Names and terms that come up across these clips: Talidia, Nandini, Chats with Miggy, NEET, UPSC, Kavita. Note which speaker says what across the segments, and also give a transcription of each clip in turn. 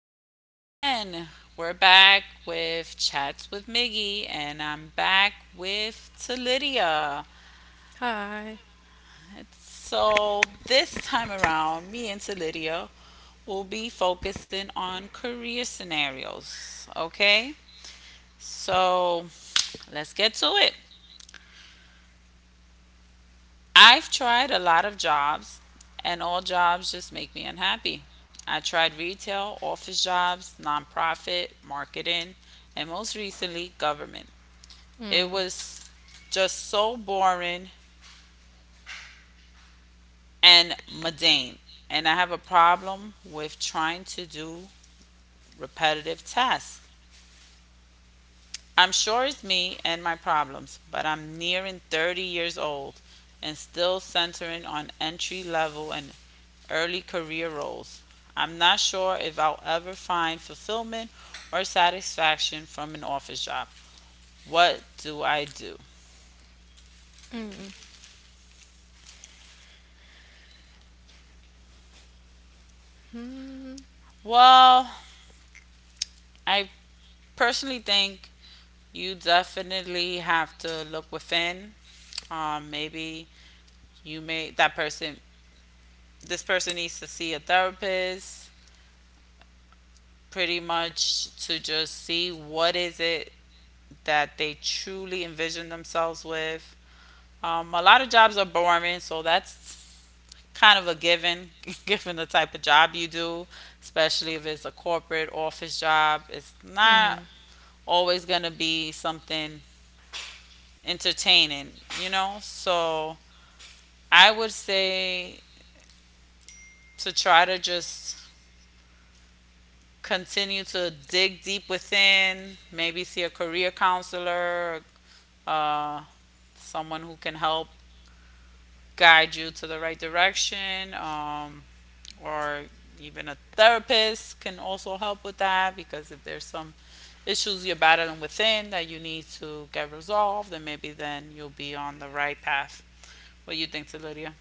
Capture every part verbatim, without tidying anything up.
Speaker 1: hello again. We're back with Chats with Miggy, and I'm back with Talidia. So this time around, me and Talidia will be focusing on career scenarios. Okay? So let's get to it. I've tried a lot of jobs, and all jobs just make me unhappy. I tried retail, office jobs, nonprofit, marketing, and most recently, government. It was just so boring and mundane. And I have a problem with trying to do repetitive tasks. I'm sure it's me and my problems, but I'm nearing thirty years old and still centering on entry level and early career roles. I'm not sure if I'll ever find fulfillment or satisfaction from an office job. What do I do? Well, I personally think you definitely have to look within. Um, maybe you may, that person, this person needs to see a therapist pretty much to just see what is it that they truly envision themselves with. Um, a lot of jobs are boring, so that's kind of a given, given the type of job you do, especially if it's a corporate office job. It's not always going to be something entertaining, you know? So I would say to try to just continue to dig deep within, maybe see a career counselor, uh, someone who can help guide you to the right direction, um, or even a therapist can also help with that, because if there's some issues you're battling within that you need to get resolved, then maybe then you'll be on the right path. What do you think, Lydia?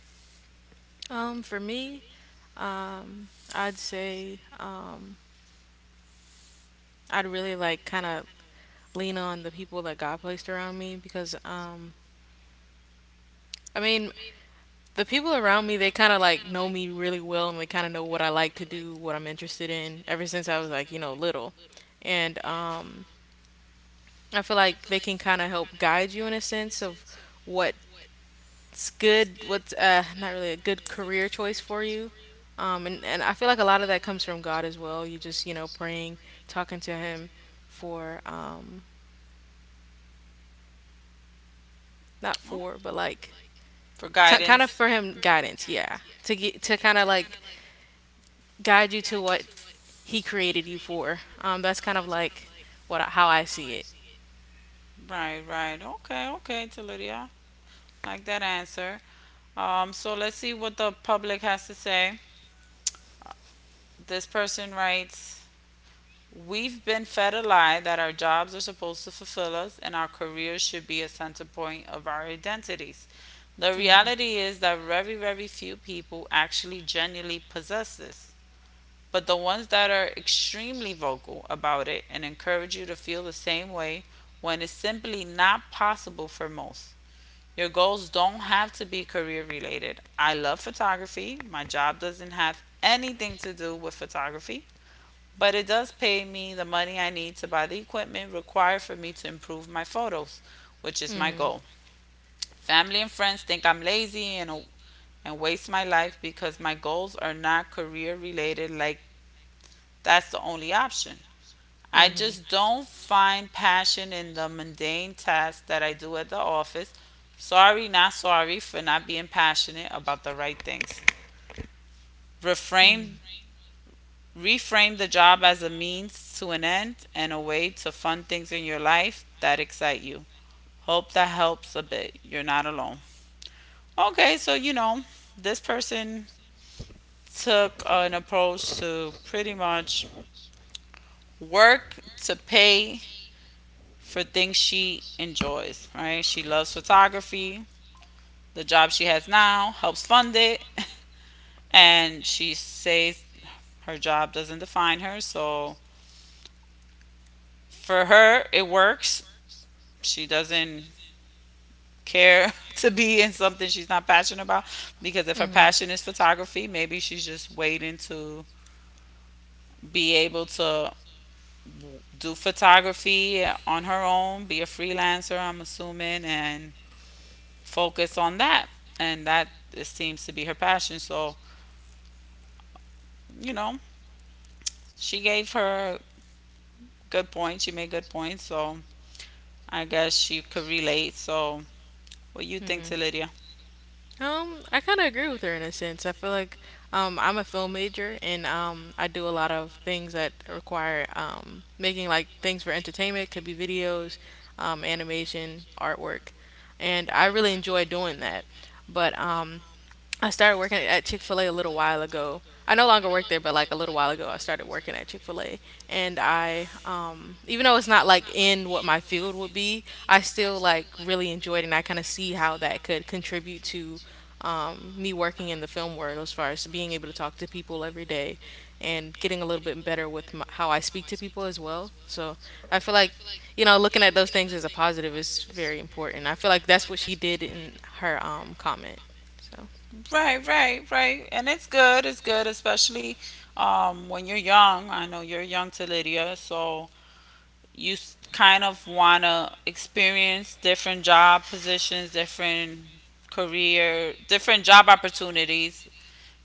Speaker 1: Oh, for guidance. Right, right. Okay, okay, Talidia. Like that answer. Um, so let's see what the public has to say. This person writes, we've been fed a lie that our jobs are supposed to fulfill us and our careers should be a center point of our identities. The reality is that very, very few people actually genuinely possess this. But the ones that are extremely vocal about it and encourage you to feel the same way when it's simply not possible for most. Your goals don't have to be career related. I love photography. My job doesn't have anything to do with photography, but it does pay me the money I need to buy the equipment required for me to improve my photos, which is my goal. Family and friends think I'm lazy and and waste my life because my goals are not career related, like that's the only option. I just don't find passion in the mundane tasks that I do at the office. Sorry, not sorry for not being passionate about the right things. Reframe Reframe the job as a means to an end and a way to fund things in your life that excite you. Hope that helps a bit. You're not alone. Okay, so you know, this person took an approach to pretty much work to pay for things she enjoys, right? She loves photography. The job she has now helps fund it. And she says her job doesn't define her. So for her, it works. She doesn't care to be in something she's not passionate about, because if her passion is photography, maybe she's just waiting to be able to do photography on her own, be a freelancer, I'm assuming, and focus on that. And that it seems to be her passion. So, you know, she gave her good points. She made good points. So I guess she could relate. So what you think to Lydia? Right, right, right. And it's good. It's good, especially um, when you're young. I know you're young to Lydia. So you s- kind of want to experience different job positions, different career, different job opportunities,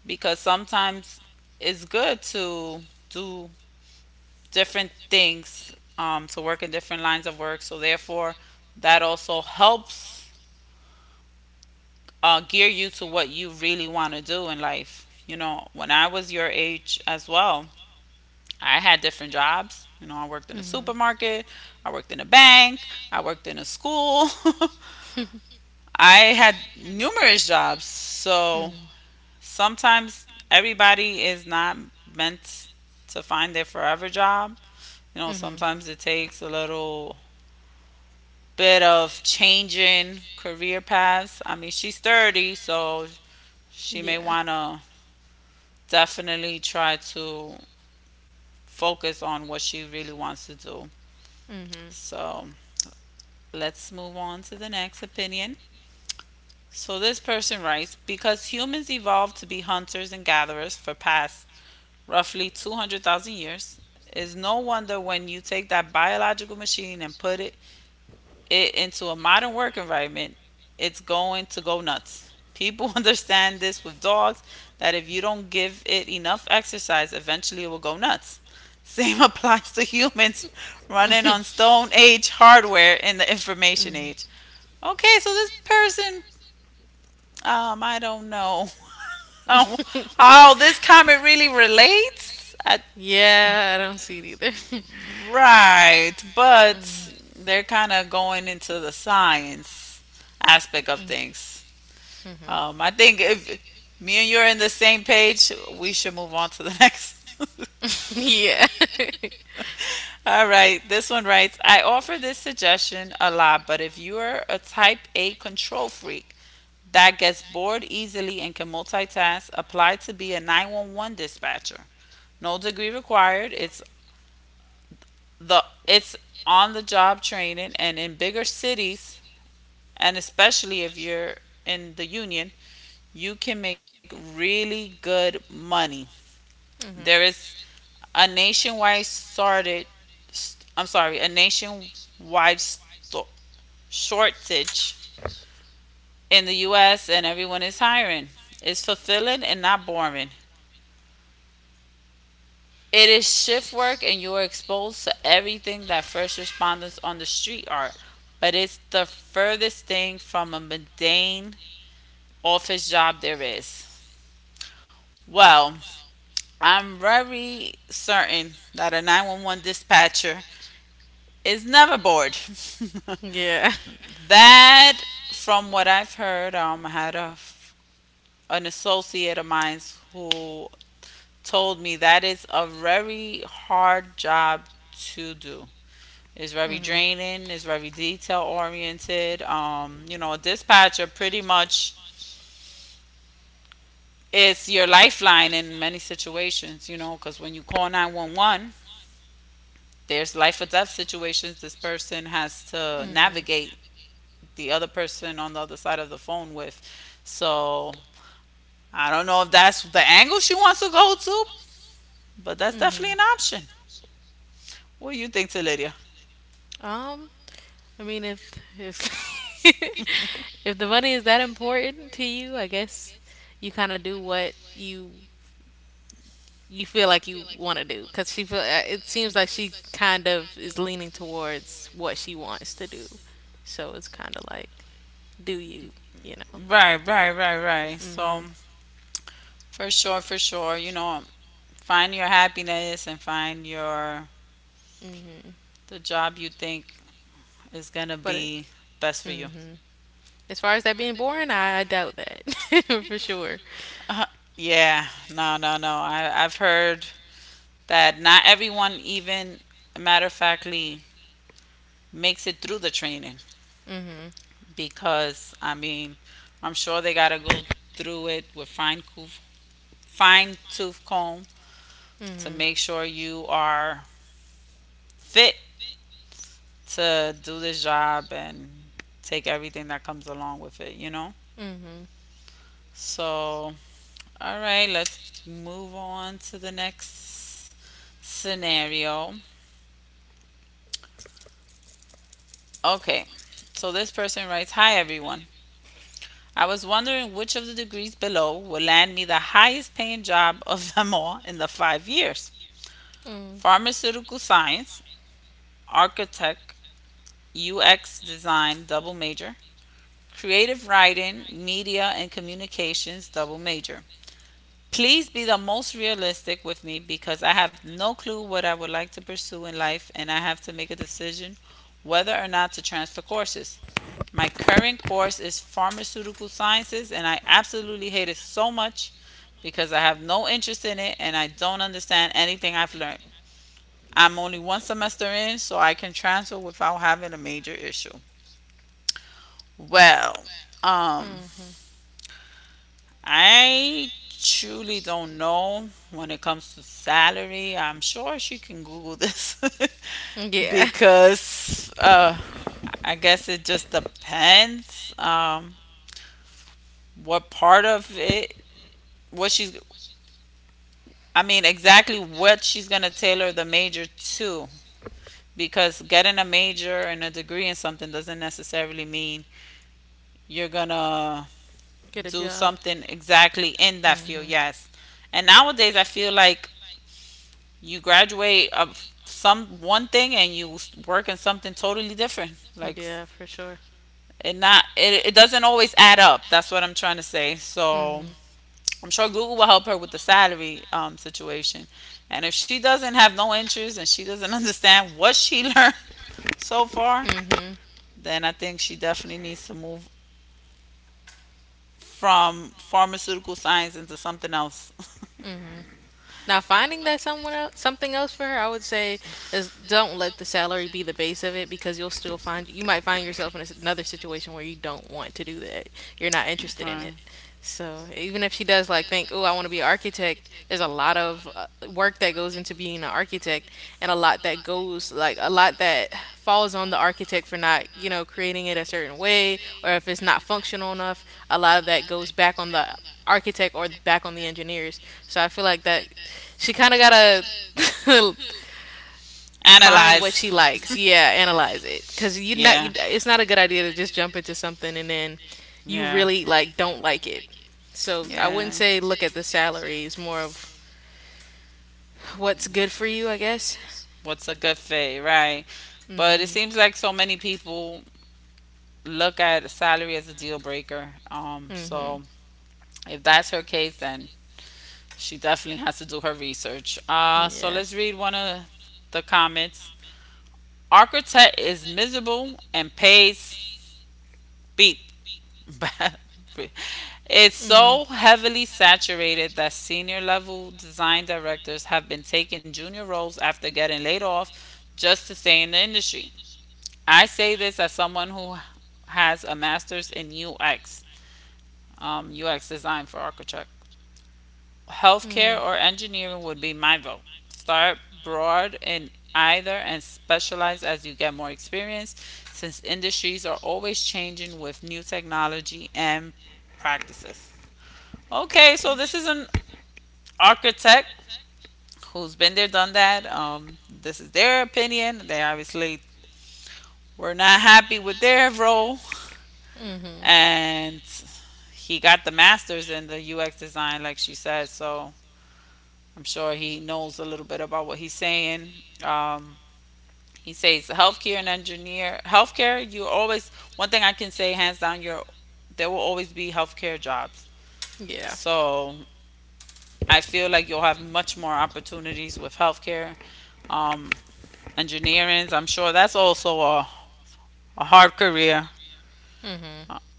Speaker 1: because sometimes it's good to do different things, um, to work in different lines of work. So therefore, that also helps uh, gear you to what you really want to do in life. You know, when I was your age as well, I had different jobs. You know, I worked in a supermarket, I worked in a bank, I worked in a school. I had numerous jobs. So sometimes everybody is not meant to find their forever job. You know, sometimes it takes a little bit of changing career paths. I mean, she's thirty, so she may want to definitely try to focus on what she really wants to do. So let's move on to the next opinion. So this person writes, because humans evolved to be hunters and gatherers for past roughly two hundred thousand years. It's no wonder when you take that biological machine and put it, it into a modern work environment, it's going to go nuts. People understand this with dogs that if you don't give it enough exercise, eventually it will go nuts. Same applies to humans running on stone age hardware in the information age. Okay, so this person, um, I don't know how, how this comment really relates. I Right, but they're kind of going into the science aspect of things. Um, I think if me and you're in the same page, we should move on to the next. All right, this one writes, I offer this suggestion a lot, but if you are a type A control freak that gets bored easily and can multitask, apply to be a nine one one dispatcher. No degree required. It's the it's on the job training, and in bigger cities and especially if you're in the union, you can make really good money. There is a nationwide started, I'm sorry, a nationwide sto- shortage in the U S and everyone is hiring. It's fulfilling and not boring. It is shift work and you are exposed to everything that first responders on the street are, but it's the furthest thing from a mundane office job there is. Well, I'm very certain that a nine one one dispatcher is never bored. That, from what I've heard, um, I had a, f- an associate of mine who told me that is a very hard job to do. It's very draining, it's very detail oriented. Um, you know, a dispatcher pretty much is your lifeline in many situations, you know, because when you call nine one one, there's life or death situations this person has to navigate the other person on the other side of the phone with. So I don't know if that's the angle she wants to go to, but that's definitely an option. What do you think, Lydia? Right, right, right, right. So for sure, for sure, you know, find your happiness and find your the job you think is gonna be best for you. Yeah, no, no, no. I I've heard that not everyone even matter of factly makes it through the training, because I mean I'm sure they gotta go through it with fine coof fine tooth comb to make sure you are fit to do this job and take everything that comes along with it, you know? So all right, let's move on to the next scenario. Okay, so this person writes, hi everyone. I was wondering which of the degrees below would land me the highest paying job of them all in the five years: pharmaceutical science, architect, U X design, double major, creative writing, media and communications, double major. Please be the most realistic with me because I have no clue what I would like to pursue in life and I have to make a decision whether or not to transfer courses. My current course is pharmaceutical sciences, and I absolutely hate it so much because I have no interest in it and I don't understand anything I've learned. I'm only one semester in, so I can transfer without having a major issue. Well, um, I truly don't know when it comes to salary. I'm sure she can Google this. Because uh, I guess it just depends, um, what part of it, what she's I mean exactly what she's gonna tailor the major to, because getting a major and a degree in something doesn't necessarily mean you're gonna do something exactly in that field. Yes, and nowadays I feel like you graduate of some one thing and you work in something totally different, like it not it, it doesn't always add up, that's what I'm trying to say. So I'm sure Google will help her with the salary, um, situation. And if she doesn't have no interest and she doesn't understand what she learned so far, then I think she definitely needs to move from pharmaceutical science into something else. You're not From- interested. Analyze. Find what she likes. Yeah. Analyze it. 'Cause yeah. Not, yeah. Yeah, I wouldn't say look at the salary. It's more of what's a good fit, right? But it seems like so many people look at a salary as a deal breaker. Um, so if that's her case, then she definitely has to do her research. Uh, so let's read one of the comments. Architect is miserable and pays beep. It's so heavily saturated that senior level design directors have been taking junior roles after getting laid off just to stay in the industry. I say this as someone who has a master's in U X. um, U X design for architect. Healthcare or engineering would be my vote. Start broad in either and specialize as you get more experience, since industries are always changing with new technology and practices. Okay, so this is an architect who's been there, done that. Um, this is their opinion. They obviously were not happy with their role, and he got the master's in the U X design, like she said. So I'm sure he knows a little bit about what he's saying. Um, he says healthcare and engineer healthcare. You always, one thing I can say hands down, you're, there will always be healthcare jobs. So I feel like you'll have much more opportunities with healthcare. um, Engineering, I'm sure that's also a, a hard career.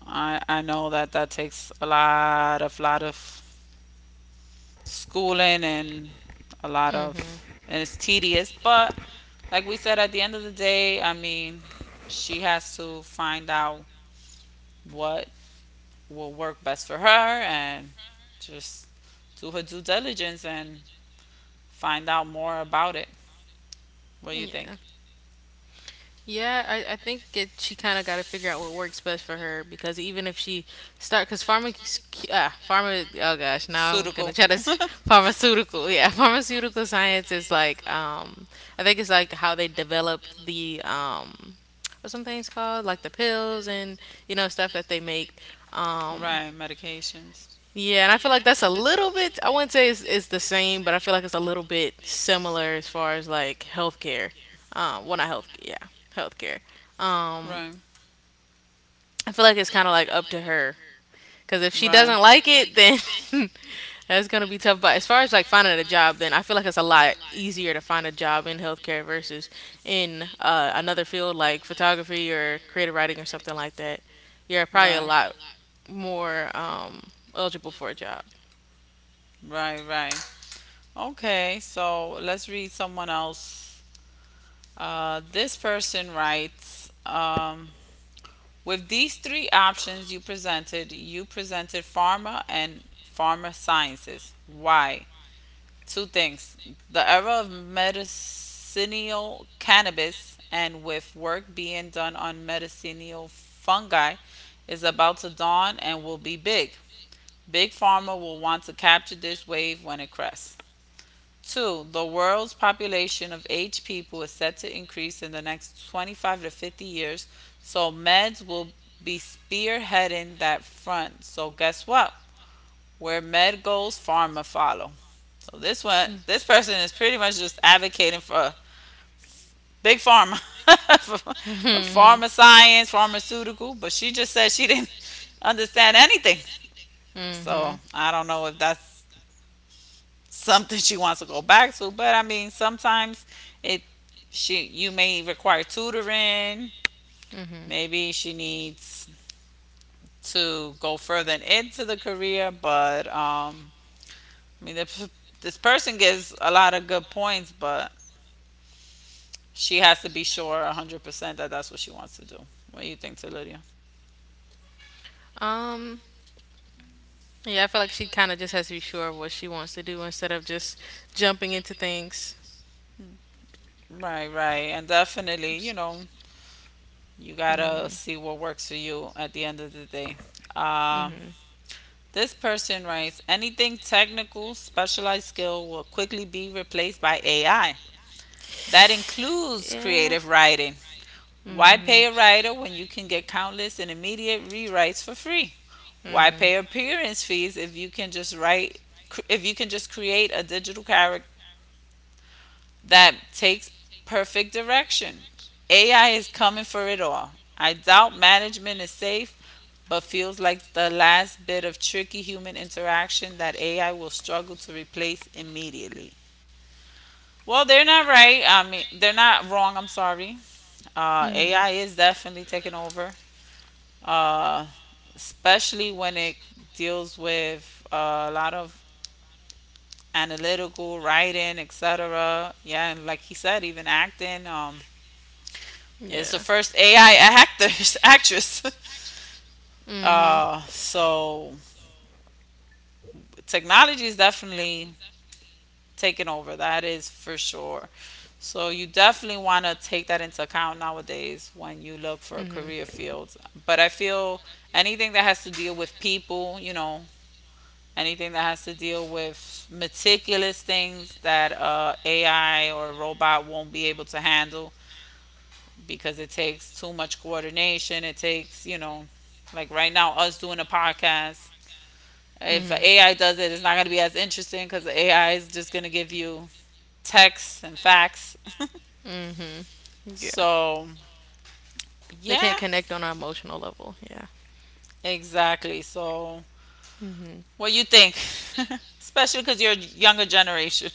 Speaker 1: I, I know that that takes a lot of lot of schooling and a lot of, and it's tedious, but like we said, at the end of the day, I mean, she has to find out what will work best for her, and just do her due diligence and find out more about it. What do you think? Pharmaceutical. Right, medications. Right. Right. If she doesn't like it, then right, probably a lot. Right. Right. Okay, so let's read someone else. Uh, this person writes, um, with these three options you presented, you presented pharma and pharma sciences. Why? Two things: the era of medicinal cannabis, and with work being done on medicinal fungi, is about to dawn and will be big. Big pharma will want to capture this wave when it crests. Two, the world's population of aged people is set to increase in the next twenty-five to fifty years, so meds will be spearheading that front. So guess what? Where med goes, pharma follow. So this one, this person is pretty much just advocating for big pharma, for pharma science, pharmaceutical. But she just said she didn't understand anything. So I don't know if that's something she wants to go back to. But I mean, sometimes it, she, you may require tutoring. Maybe she needs to go further into the career. But um, I mean, this, this person gives a lot of good points, but she has to be sure one hundred percent that that's what she wants to do. What do you think, Lydia? Right, right, and definitely, you know, you gotta see what works for you at the end of the day. Um, This person writes, anything technical, specialized skill will quickly be replaced by A I. That includes creative writing. Why pay a writer when you can get countless and immediate rewrites for free? Why pay appearance fees if you can just write, if you can just create a digital character that takes perfect direction. A I is coming for it all. I doubt management is safe, but feels like the last bit of tricky human interaction that A I will struggle to replace immediately. Well, they're not right. I mean, they're not wrong. I'm sorry. Uh, A I is definitely taking over, uh, especially when it deals with uh, a lot of analytical writing, et cetera. Yeah, and like he said, even acting. Um, is the first A I actors actress. Uh, so technology is definitely taking over. That is for sure. So you definitely want to take that into account nowadays when you look for a career field. But I feel, anything that has to deal with people, you know, anything that has to deal with meticulous things that uh, A I or robot won't be able to handle, because it takes too much coordination. It takes, you know, like right now, us doing a podcast. If A I does it, it's not going to be as interesting because A I is just going to give you texts and facts. So, yeah, exactly. So, what you think? Especially because you're a younger generation.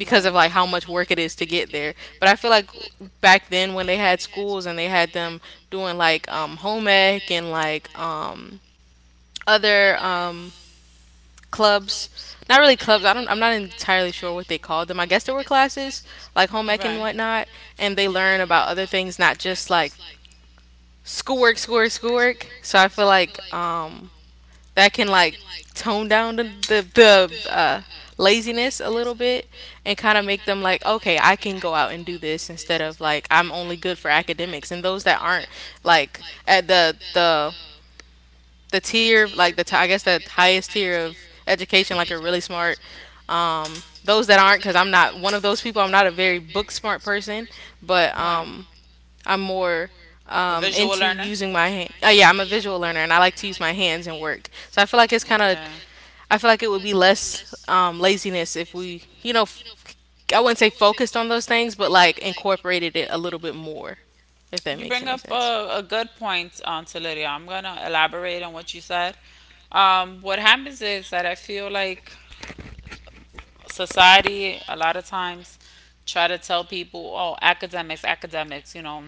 Speaker 1: Right. Because of like how much work it is to get there, like right, bike and whatnot. But right. A visual learner? And so. Okay. You bring up a, a good point, um, to Lydia. I'm gonna elaborate on what you said. Um, what happens is that I feel like society a lot of times try to tell people, oh, academics, academics, you know,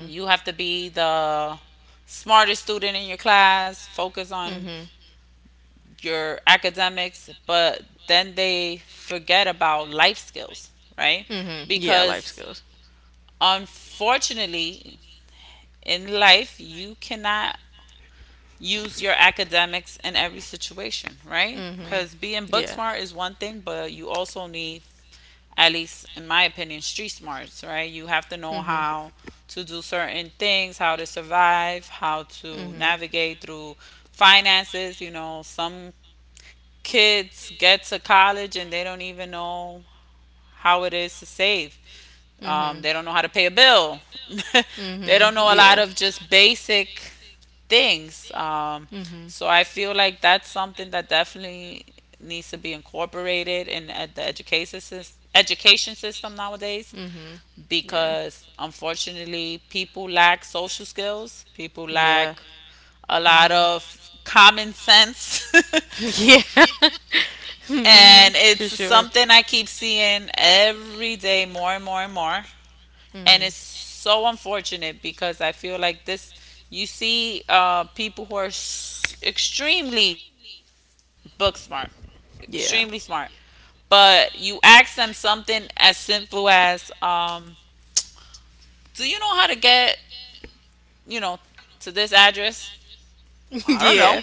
Speaker 1: you have to be the smartest student in your class, focus on your academics, but then they forget about life skills, right? Because, unfortunately, in life, you cannot use your academics in every situation, right? Because being book smart is one thing, but you also need, at least in my opinion, street smarts, right? You have to know how to do certain things, how to survive, how to navigate through finances. You know, some kids get to college and they don't even know how it is to save. Um, they don't know how to pay a bill. They don't know a lot of just basic things. Um, so I feel like that's something that definitely needs to be incorporated in at the education system education system nowadays, because unfortunately, people lack social skills, people lack a lot of common sense. And it's something I keep seeing every day, more and more and more. And it's so unfortunate, because I feel like this, you see uh, people who are s- extremely book smart, extremely smart. But you ask them something as simple as, um, do you know how to get, you know, to this address? I don't know.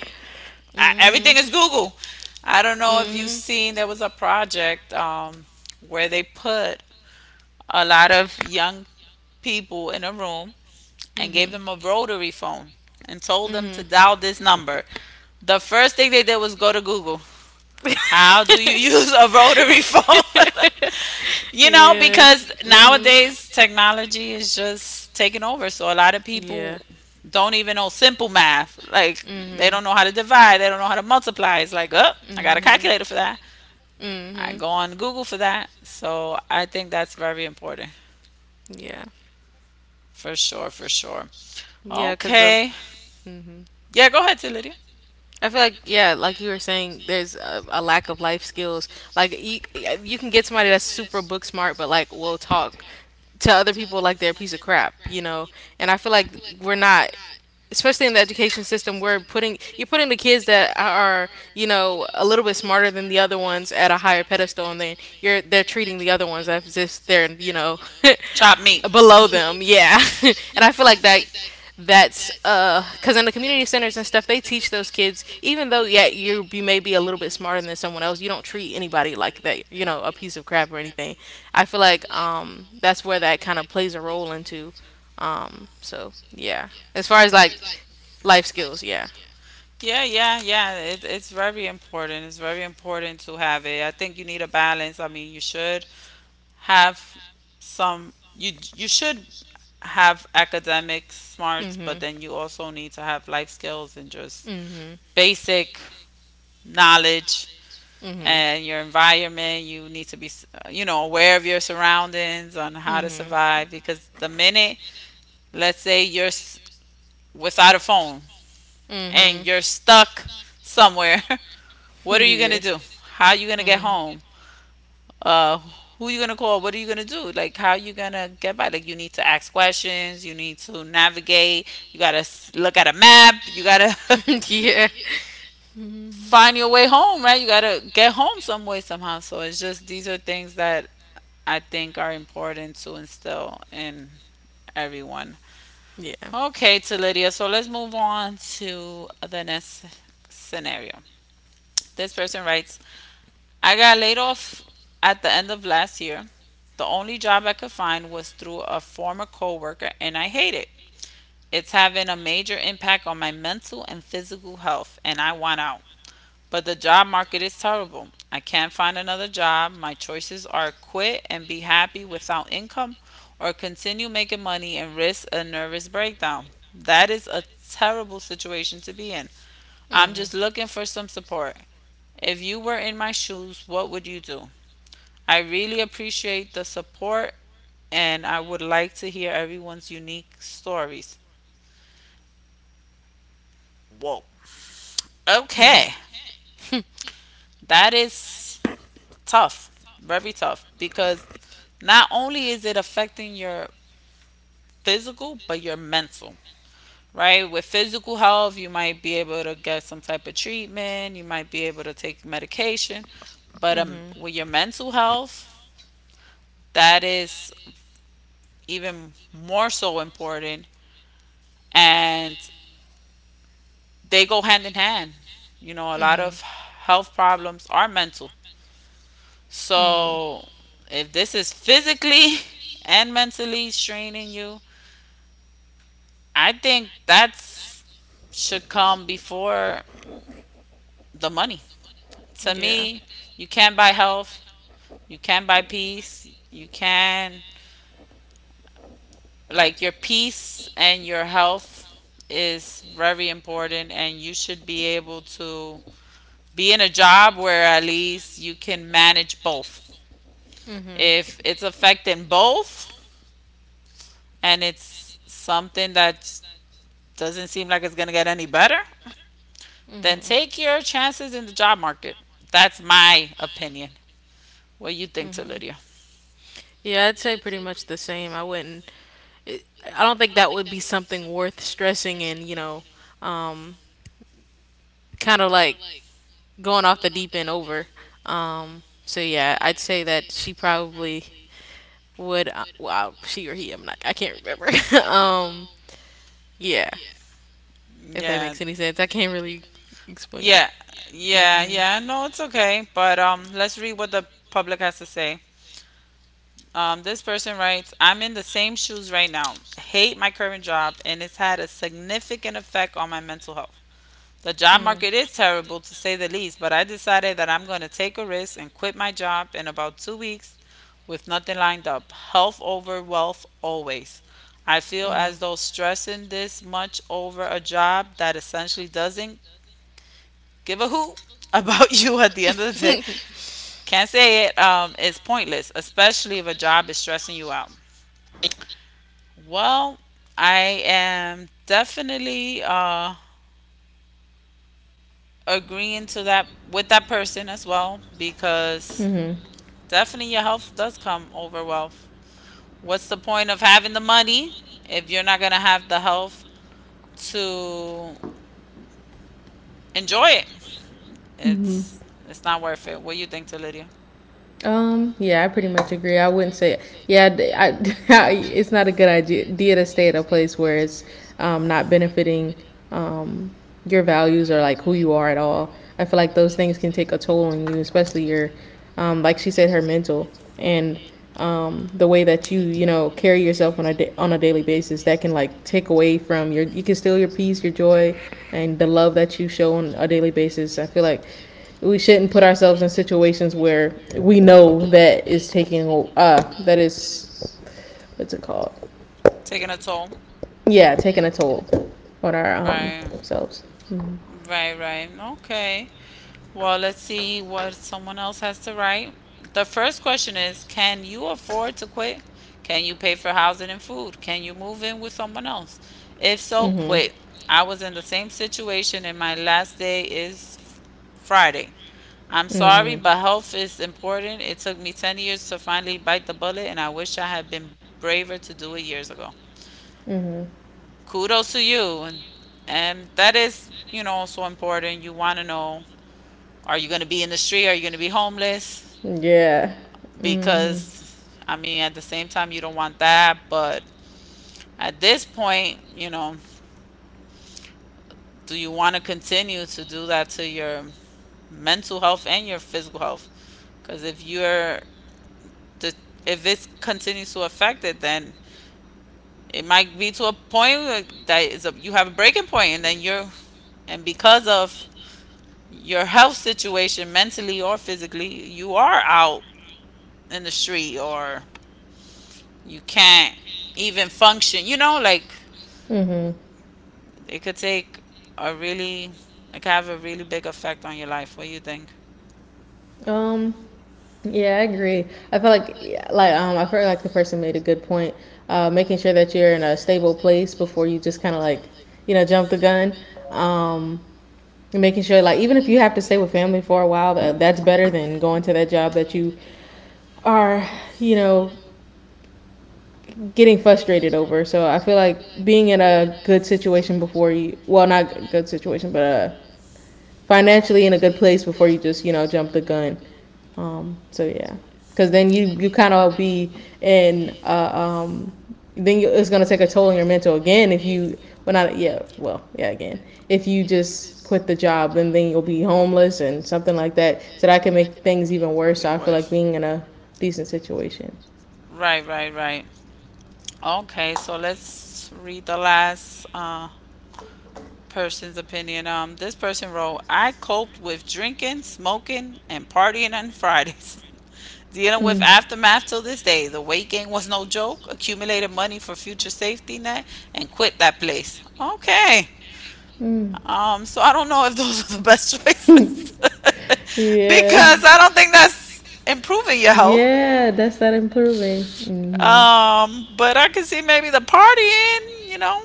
Speaker 1: I, everything is Google. I don't know if you've seen, there was a project um, where they put a lot of young people in a room and gave them a rotary phone and told them to dial this number. The first thing they did was go to Google. How do you use a rotary phone? You know, because nowadays technology is just taking over. So a lot of people don't even know simple math. Like, they don't know how to divide, they don't know how to multiply. It's like, oh, I got a calculator for that. I go on Google for that. So I think that's very important. For sure, for sure. Okay. Yeah, go ahead, T. Lydia. Chop meat. Yeah, yeah, yeah. It, it's very important. It's very important to have it. I think you need a balance. I mean, you should have some. You you should have academic smarts, but then you also need to have life skills and just basic knowledge and your environment. You need to be, s- you know, aware of your surroundings on how to survive, because the minute, let's say you're s- without a phone, and you're stuck somewhere, what are you gonna do? How are you gonna get home? Uh, who are you gonna call? What are you gonna do? Like, how are you gonna get by? Like, you need to ask questions. You need to navigate. You gotta s- look at a map. You gotta find your way home, right? You gotta get home some way somehow. So it's just, these are things that I think are important to instill in everyone. Okay, to Lydia. So let's move on to the next scenario. This person writes, I got laid off at the end of last year. The only job I could find was through a former coworker and I hate it. It's having a major impact on my mental and physical health and I want out. But the job market is terrible. I can't find another job. My choices are quit and be happy without income, or continue making money and risk a nervous breakdown. That is a terrible situation to be in. I'm just looking for some support. If you were in my shoes, what would you do? I really appreciate the support and I would like to hear everyone's unique stories. Okay, that is tough, very tough, because not only is it affecting your physical, but your mental, right? With physical health, you might be able to get some type of treatment, you might be able to take medication, but um, with your mental health, that is even more so important. And they go hand in hand. You know, a lot of health problems are mental. So if this is physically and mentally straining you, I think that's, should come before the money. To me, you can buy health, you can buy peace, you can, like, your peace and your health is very important and you should be able to be in a job where at least you can manage both. If it's affecting both and it's something that doesn't seem like it's going to get any better, then take your chances in the job market. That's my opinion. What do you think, to Lydia? Yeah, yeah, yeah, yeah. No, it's okay. But um, let's read what the public has to say. Um, this person writes, "I'm in the same shoes right now. Hate my current job, and it's had a significant effect on my mental health. The job market is terrible to say the least, but I decided that I'm going to take a risk and quit my job in about two weeks with nothing lined up. Health over wealth always. I feel as though stressing this much over a job that essentially doesn't give a hoot about you at the end of the day, can't say it, um, is pointless, especially if a job is stressing you out. Well, I am definitely uh, agreeing to that with that person as well because definitely, your health does come over wealth. What's the point of having the money if you're not gonna have the health to enjoy it? It's it's not worth it. What do you think, Lydia?
Speaker 2: Um, yeah, I pretty much agree. I wouldn't say, yeah, d- I, I- it's not a good idea idea to stay at a place where it's um, not benefiting um, your values or like who you are at all. I feel like those things can take a toll on you, especially your, um, like she said, her mental and um, the way that you, you know, carry yourself on a da- on a daily basis. That can like take away from your, you can steal your peace, your joy, and the love that you show on a daily basis. I feel like we shouldn't put ourselves in situations where we know that is taking uh that is what's it called,
Speaker 1: Taking a toll.
Speaker 2: yeah, taking a toll on our um
Speaker 1: Right,
Speaker 2: selves.
Speaker 1: right, right. Okay. Well, let's see what someone else has to write. The first question is, can you afford to quit? Can you pay for housing and food? Can you move in with someone else? If so, quit. I was in the same situation, and my last day is f- Friday. I'm sorry, but health is important. It took me ten years to finally bite the bullet, and I wish I had been braver to do it years ago.
Speaker 2: Mm.
Speaker 1: Kudos to you. And, and that is, you know, so important. You want to know, are you going to be in the street? Are you going to be homeless?
Speaker 2: Hmm, yeah. Mm.
Speaker 1: Because, I mean, at the same time, you don't want that. But at this point, you know, do you want to continue to do that to your mental health and your physical health? Because if you're, the- if this continues to affect it, then it might be to a point where that is a, you have a breaking point, and then you're, and because of your health situation, mentally or physically, you are out in the street, or you can't even function. You know, like
Speaker 2: Hmm. Mm.
Speaker 1: it could take a really, like, have a really big effect on your life. What do you think?
Speaker 2: Hmm. Um yeah, I agree. I feel like, like um I feel like the person made a good point, uh making sure that you're in a stable place before you just kind of like, you know, jump the gun. um Making sure, like, even if you have to stay with family for a while, that, that's better than going to that job that you are, you know, getting frustrated over. So I feel like being in a good situation before you, well, not a good situation, but uh, financially in a good place before you just, you know, jump the gun. Um, so yeah, because then you you kind of be in, uh, um, then you, it's gonna take a toll on your mental again if you, well, not yeah, well, yeah, again, if you just quit the job and then you'll be homeless and something like that. So that can make things even worse.
Speaker 1: Be
Speaker 2: So I feel like
Speaker 1: worth.
Speaker 2: being in a decent situation.
Speaker 1: Right, right, right. Okay, so let's read the last uh, person's opinion. Um, this person wrote, I coped with drinking, smoking, and partying on Fridays. Dealing with
Speaker 2: Mm.
Speaker 1: aftermath till this day. The weight gain was no joke. Accumulated money for future safety net and quit that place. Okay.
Speaker 2: Mm.
Speaker 1: Um, so I don't know if those are the best choices
Speaker 2: Yeah.
Speaker 1: because I don't think that's improving your health.
Speaker 2: Yeah that's that improving Mhm.
Speaker 1: Um, but I could see maybe the partying, you know,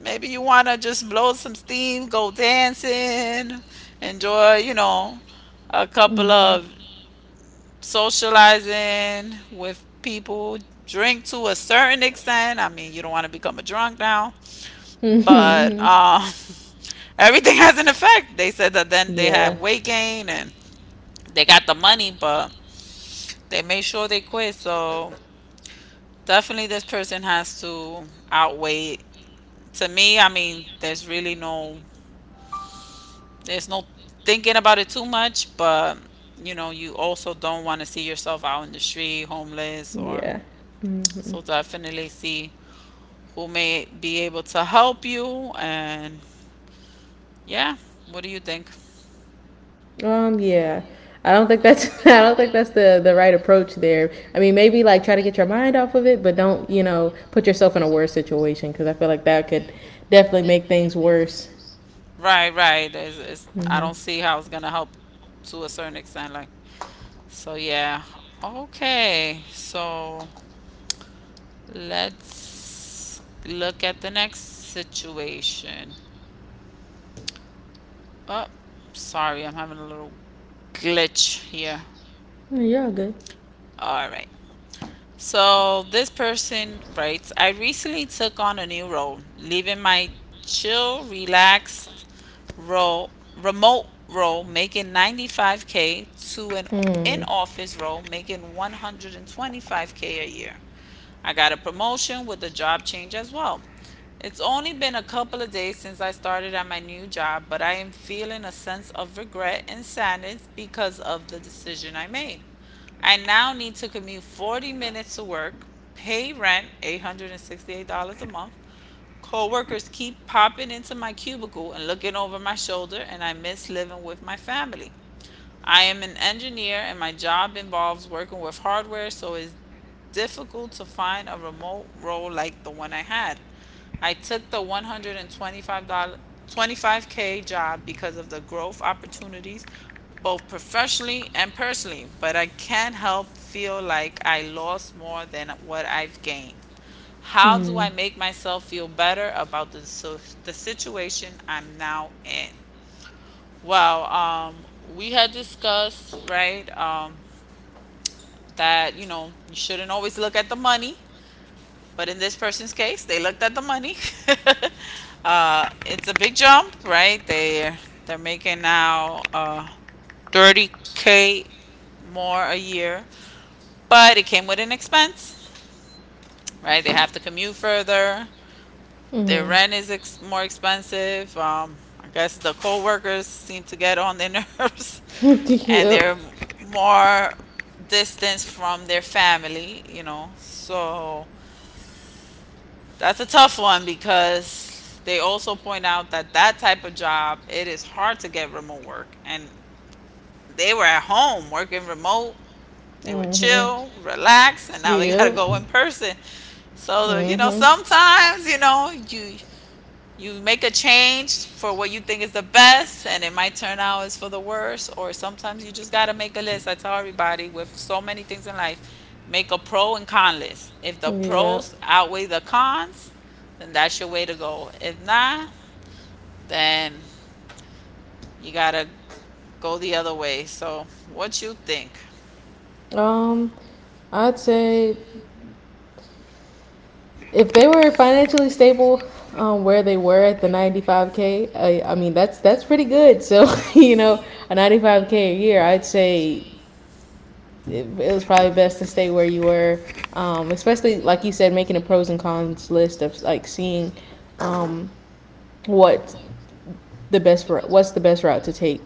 Speaker 1: maybe you want to just blow some steam, go dancing, enjoy, you know, a couple
Speaker 2: Mhm.
Speaker 1: of socializing with people, drink to a certain extent. I mean, you don't want to become a drunk now, but
Speaker 2: Mhm.
Speaker 1: um, everything has an effect. They said that then they
Speaker 2: Yeah.
Speaker 1: have weight gain and they got the money, but they made sure they quit. So definitely, this person has to outweigh. To me, I mean, there's really no, there's no thinking about it too much. But you know, you also don't want to see yourself out in the street, homeless, or
Speaker 2: Yeah. Mhm.
Speaker 1: so. Definitely see who may be able to help you. And yeah, what do you think?
Speaker 2: Um, yeah. I don't think that's I don't think that's the the right approach there. I mean, maybe like try to get your mind off of it, but don't, you know, put yourself in a worse situation cuz I feel like that could definitely make things worse.
Speaker 1: Right, right. It's, it's, I
Speaker 2: Mhm.
Speaker 1: don't see how it's gonna help to a certain extent. Like. So yeah. Okay. So let's look at the next situation. Oh, sorry, I'm having a little glitch here.
Speaker 2: Mm, you're all good.
Speaker 1: All right. So this person writes, I recently took on a new role, leaving my chill, relaxed role, remote role, making ninety-five k to an
Speaker 2: Mm.
Speaker 1: in-office role, making one hundred twenty-five k a year. I got a promotion with a job change as well. It's only been a couple of days since I started at my new job, but I am feeling a sense of regret and sadness because of the decision I made. I now need to commute forty minutes to work, pay rent eight hundred sixty-eight dollars a month. Coworkers keep popping into my cubicle and looking over my shoulder, and I miss living with my family. I am an engineer, and my job involves working with hardware, so it's difficult to find a remote role like the one I had. I took the one hundred twenty-five k dollars job because of the growth opportunities, both professionally and personally, but I can't help feel like I lost more than what I've gained. How do
Speaker 2: Mm.
Speaker 1: I make myself feel better about the, so- the situation I'm now in? Well, um, we had discussed, right, um, that, you know, you shouldn't always look at the money. But in this person's case, they looked at the money. uh, it's a big jump, right? They they're making now uh, thirty k more a year, but it came with an expense, right? They have to commute further. Their
Speaker 2: Mhm.
Speaker 1: rent is ex- more expensive. Um, I guess the co-workers seem to get on their nerves, and
Speaker 2: Yep.
Speaker 1: they're more distance from their family, you know. So that's a tough one because they also point out that that type of job, it is hard to get remote work. And they were at home working remote. They were
Speaker 2: Mhm.
Speaker 1: chill, relax, and now they got to
Speaker 2: Yep.
Speaker 1: go in person. So, you know,
Speaker 2: Mhm.
Speaker 1: sometimes, you know, you you make a change for what you think is the best and it might turn out as for the worst, or sometimes you just got to make a list. I tell everybody with so many things in life, make a pro and con list. If the
Speaker 2: Yep.
Speaker 1: pros outweigh the cons, then that's your way to go. If not, then you got to go the other way. So what you think?
Speaker 2: Um I'd say, if they were financially stable, um, where they were at the ninety-five k, I, I mean that's that's pretty good. So you know, a ninety-five k a year, I'd say it, it was probably best to stay where you were. Um, especially like you said, making a pros and cons list of like seeing, um, what the best, what's the best route to take.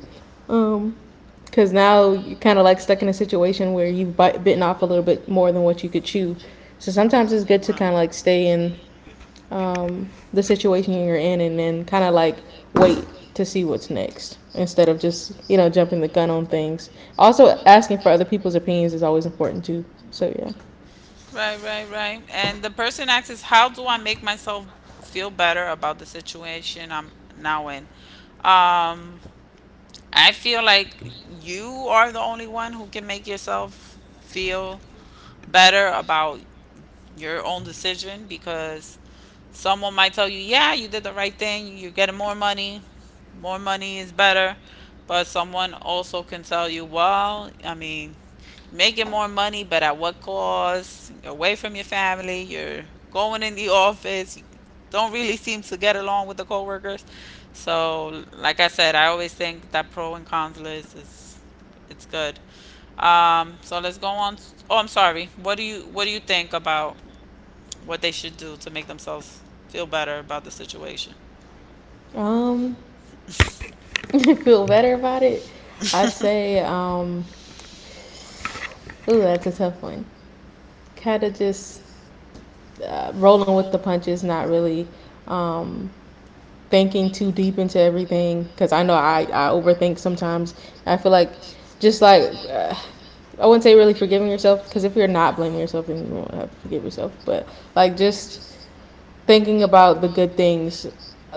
Speaker 2: Um, because now you're kind of like stuck in a situation where you've bite, bitten off a little bit more than what you could chew. So sometimes it's good to kind of like
Speaker 1: Right.
Speaker 2: stay in, um, the situation you're in and then kind of like wait to see what's next instead of just, you know, jumping the gun on things. Also, asking for other people's opinions is always important too, so yeah.
Speaker 1: Right, right, right. And the person asks is, how do I make myself feel better about the situation I'm now in? Um I feel like you are the only one who can make yourself feel better about your own decision because someone might tell you, yeah, you did the right thing, you're getting more money, more money is better. But someone also can tell you, well, I mean, making more money, but at what cost? You're away from your family, you're going in the office, you don't really seem to get along with the coworkers. So, like I said, I always think that pro and cons list is, it's good. Um, so let's go on. Oh, I'm sorry. What do you what do you think about what they should do to make themselves feel better about the situation?
Speaker 2: um Feel better about it. I'd say, um ooh, that's a tough one. Kind of just, uh, rolling with the punches, not really, um thinking too deep into everything because I know I, I overthink sometimes. I feel like just like, uh, I wouldn't say really forgiving yourself because if you're not blaming yourself, then you won't have to forgive yourself. But like just thinking about the good things,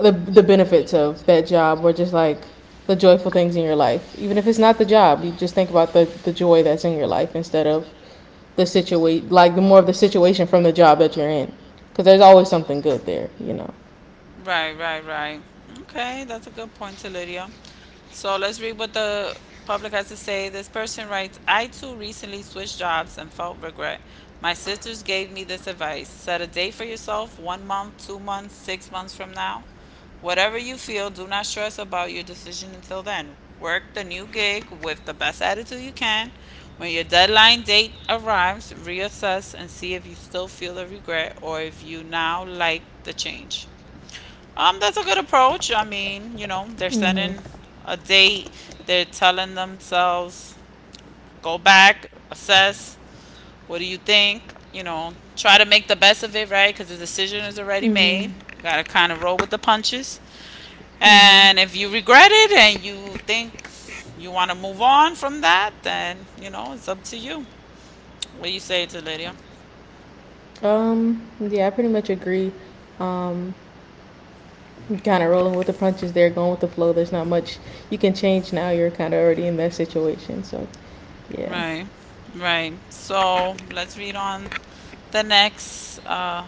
Speaker 2: the the benefits of that job, or just like the joyful things in your life, even if it's not the job, you just think about the the joy that's in your life instead of the situation, like the more of the situation from the job that you're in, because there's always something good there, you know.
Speaker 1: Right, right, right. Okay, that's a good point to Lydia. So let's read what the public has to say. This person writes, I too recently switched jobs and felt regret. My sisters gave me this advice, set a date for yourself, one month, two months, six months from now. Whatever you feel, do not stress about your decision until then. Work the new gig with the best attitude you can. When your deadline date arrives, reassess and see if you still feel the regret or if you now like the change. Um, that's a good approach. I mean, you know, they're setting a date. They're telling themselves, go back, assess. What do you think? You know, try to make the best of it, right? Because the decision is already
Speaker 2: Mm-hmm.
Speaker 1: made. You gotta kind of roll with the punches.
Speaker 2: Mm-hmm.
Speaker 1: And if you regret it and you think you want to move on from that, then you know it's up to you. What do you say to Lydia?
Speaker 2: Um, yeah, I pretty much agree. Um, Kind of rolling with the punches there, going with the flow. There's not much you can change now. You're kind of already in that situation, so yeah.
Speaker 1: Right, right. So let's read on the next uh,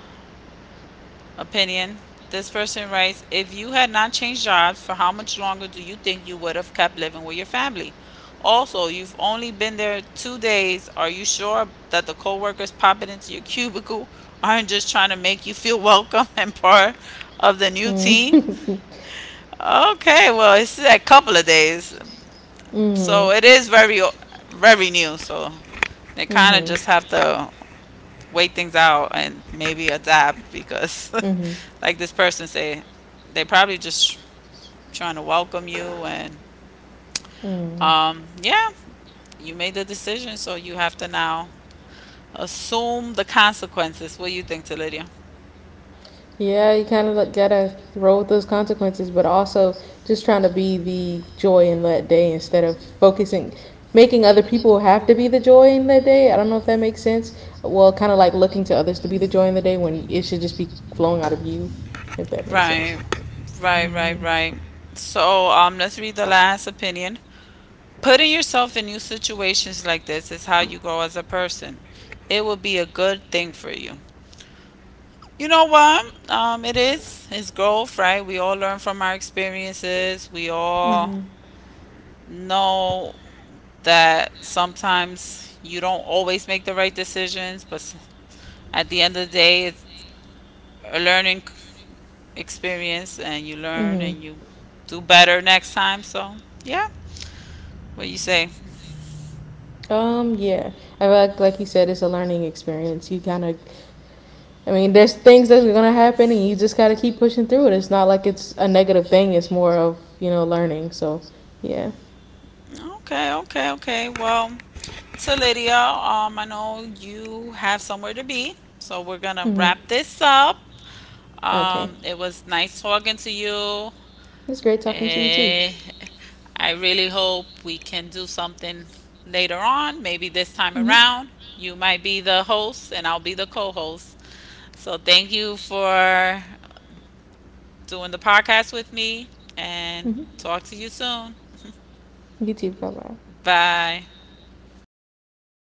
Speaker 1: opinion. This person writes, if you had not changed jobs, for how much longer do you think you would have kept living with your family? Also, you've only been there two days. Are you sure that the coworkers popping into your cubicle aren't just trying to make you feel welcome and part of the new team?
Speaker 2: Mm-hmm.
Speaker 1: Okay, well, it's a couple of days, so it is very, very new. So they kind of just have to wait things out and maybe adapt because, like this person say, they probably just trying to welcome you and um, yeah, you made the decision, so you have to now assume the consequences. What do you think, Lydia?
Speaker 2: Yeah, you kind of gotta roll with those consequences, but also just trying to be the joy in that day instead of focusing, making other people have to be the joy in that day. I don't know if that makes sense. Well, kind of like looking to others to be the joy in the day when it should just be flowing out of you, if that makes sense.
Speaker 1: Right, right, right, right. So um, let's read the last opinion. Putting yourself in new situations like this is how you grow as a person. It will be a good thing for you. You know what? Um, it is. It's growth, right? We all learn from our experiences. We all
Speaker 2: Mm-hmm.
Speaker 1: know that sometimes you don't always make the right decisions, but s- at the end of the day, it's a learning c- experience, and you learn
Speaker 2: Mm-hmm.
Speaker 1: and you do better next time. So, yeah, what you say?
Speaker 2: Um, yeah. I feel like like you said, it's a learning experience. You kind of, I mean, there's things that's gonna happen, and you just gotta keep pushing through it. It's not like it's a negative thing. It's more of, you know, learning. So, yeah.
Speaker 1: Okay, okay, okay. Well, so Lydia, um, I know you have somewhere to be, so we're gonna
Speaker 2: Mm-hmm.
Speaker 1: wrap this up.
Speaker 2: Okay.
Speaker 1: Um, it was nice talking to you.
Speaker 2: It's great talking to you too.
Speaker 1: Eh, I really hope we can do something later on. Maybe this time
Speaker 2: Mm-hmm.
Speaker 1: around, you might be the host and I'll be the co host. So thank you for doing the podcast with me and
Speaker 2: Mm-hmm.
Speaker 1: talk to you soon.
Speaker 2: You too. Bye bye.
Speaker 1: Bye.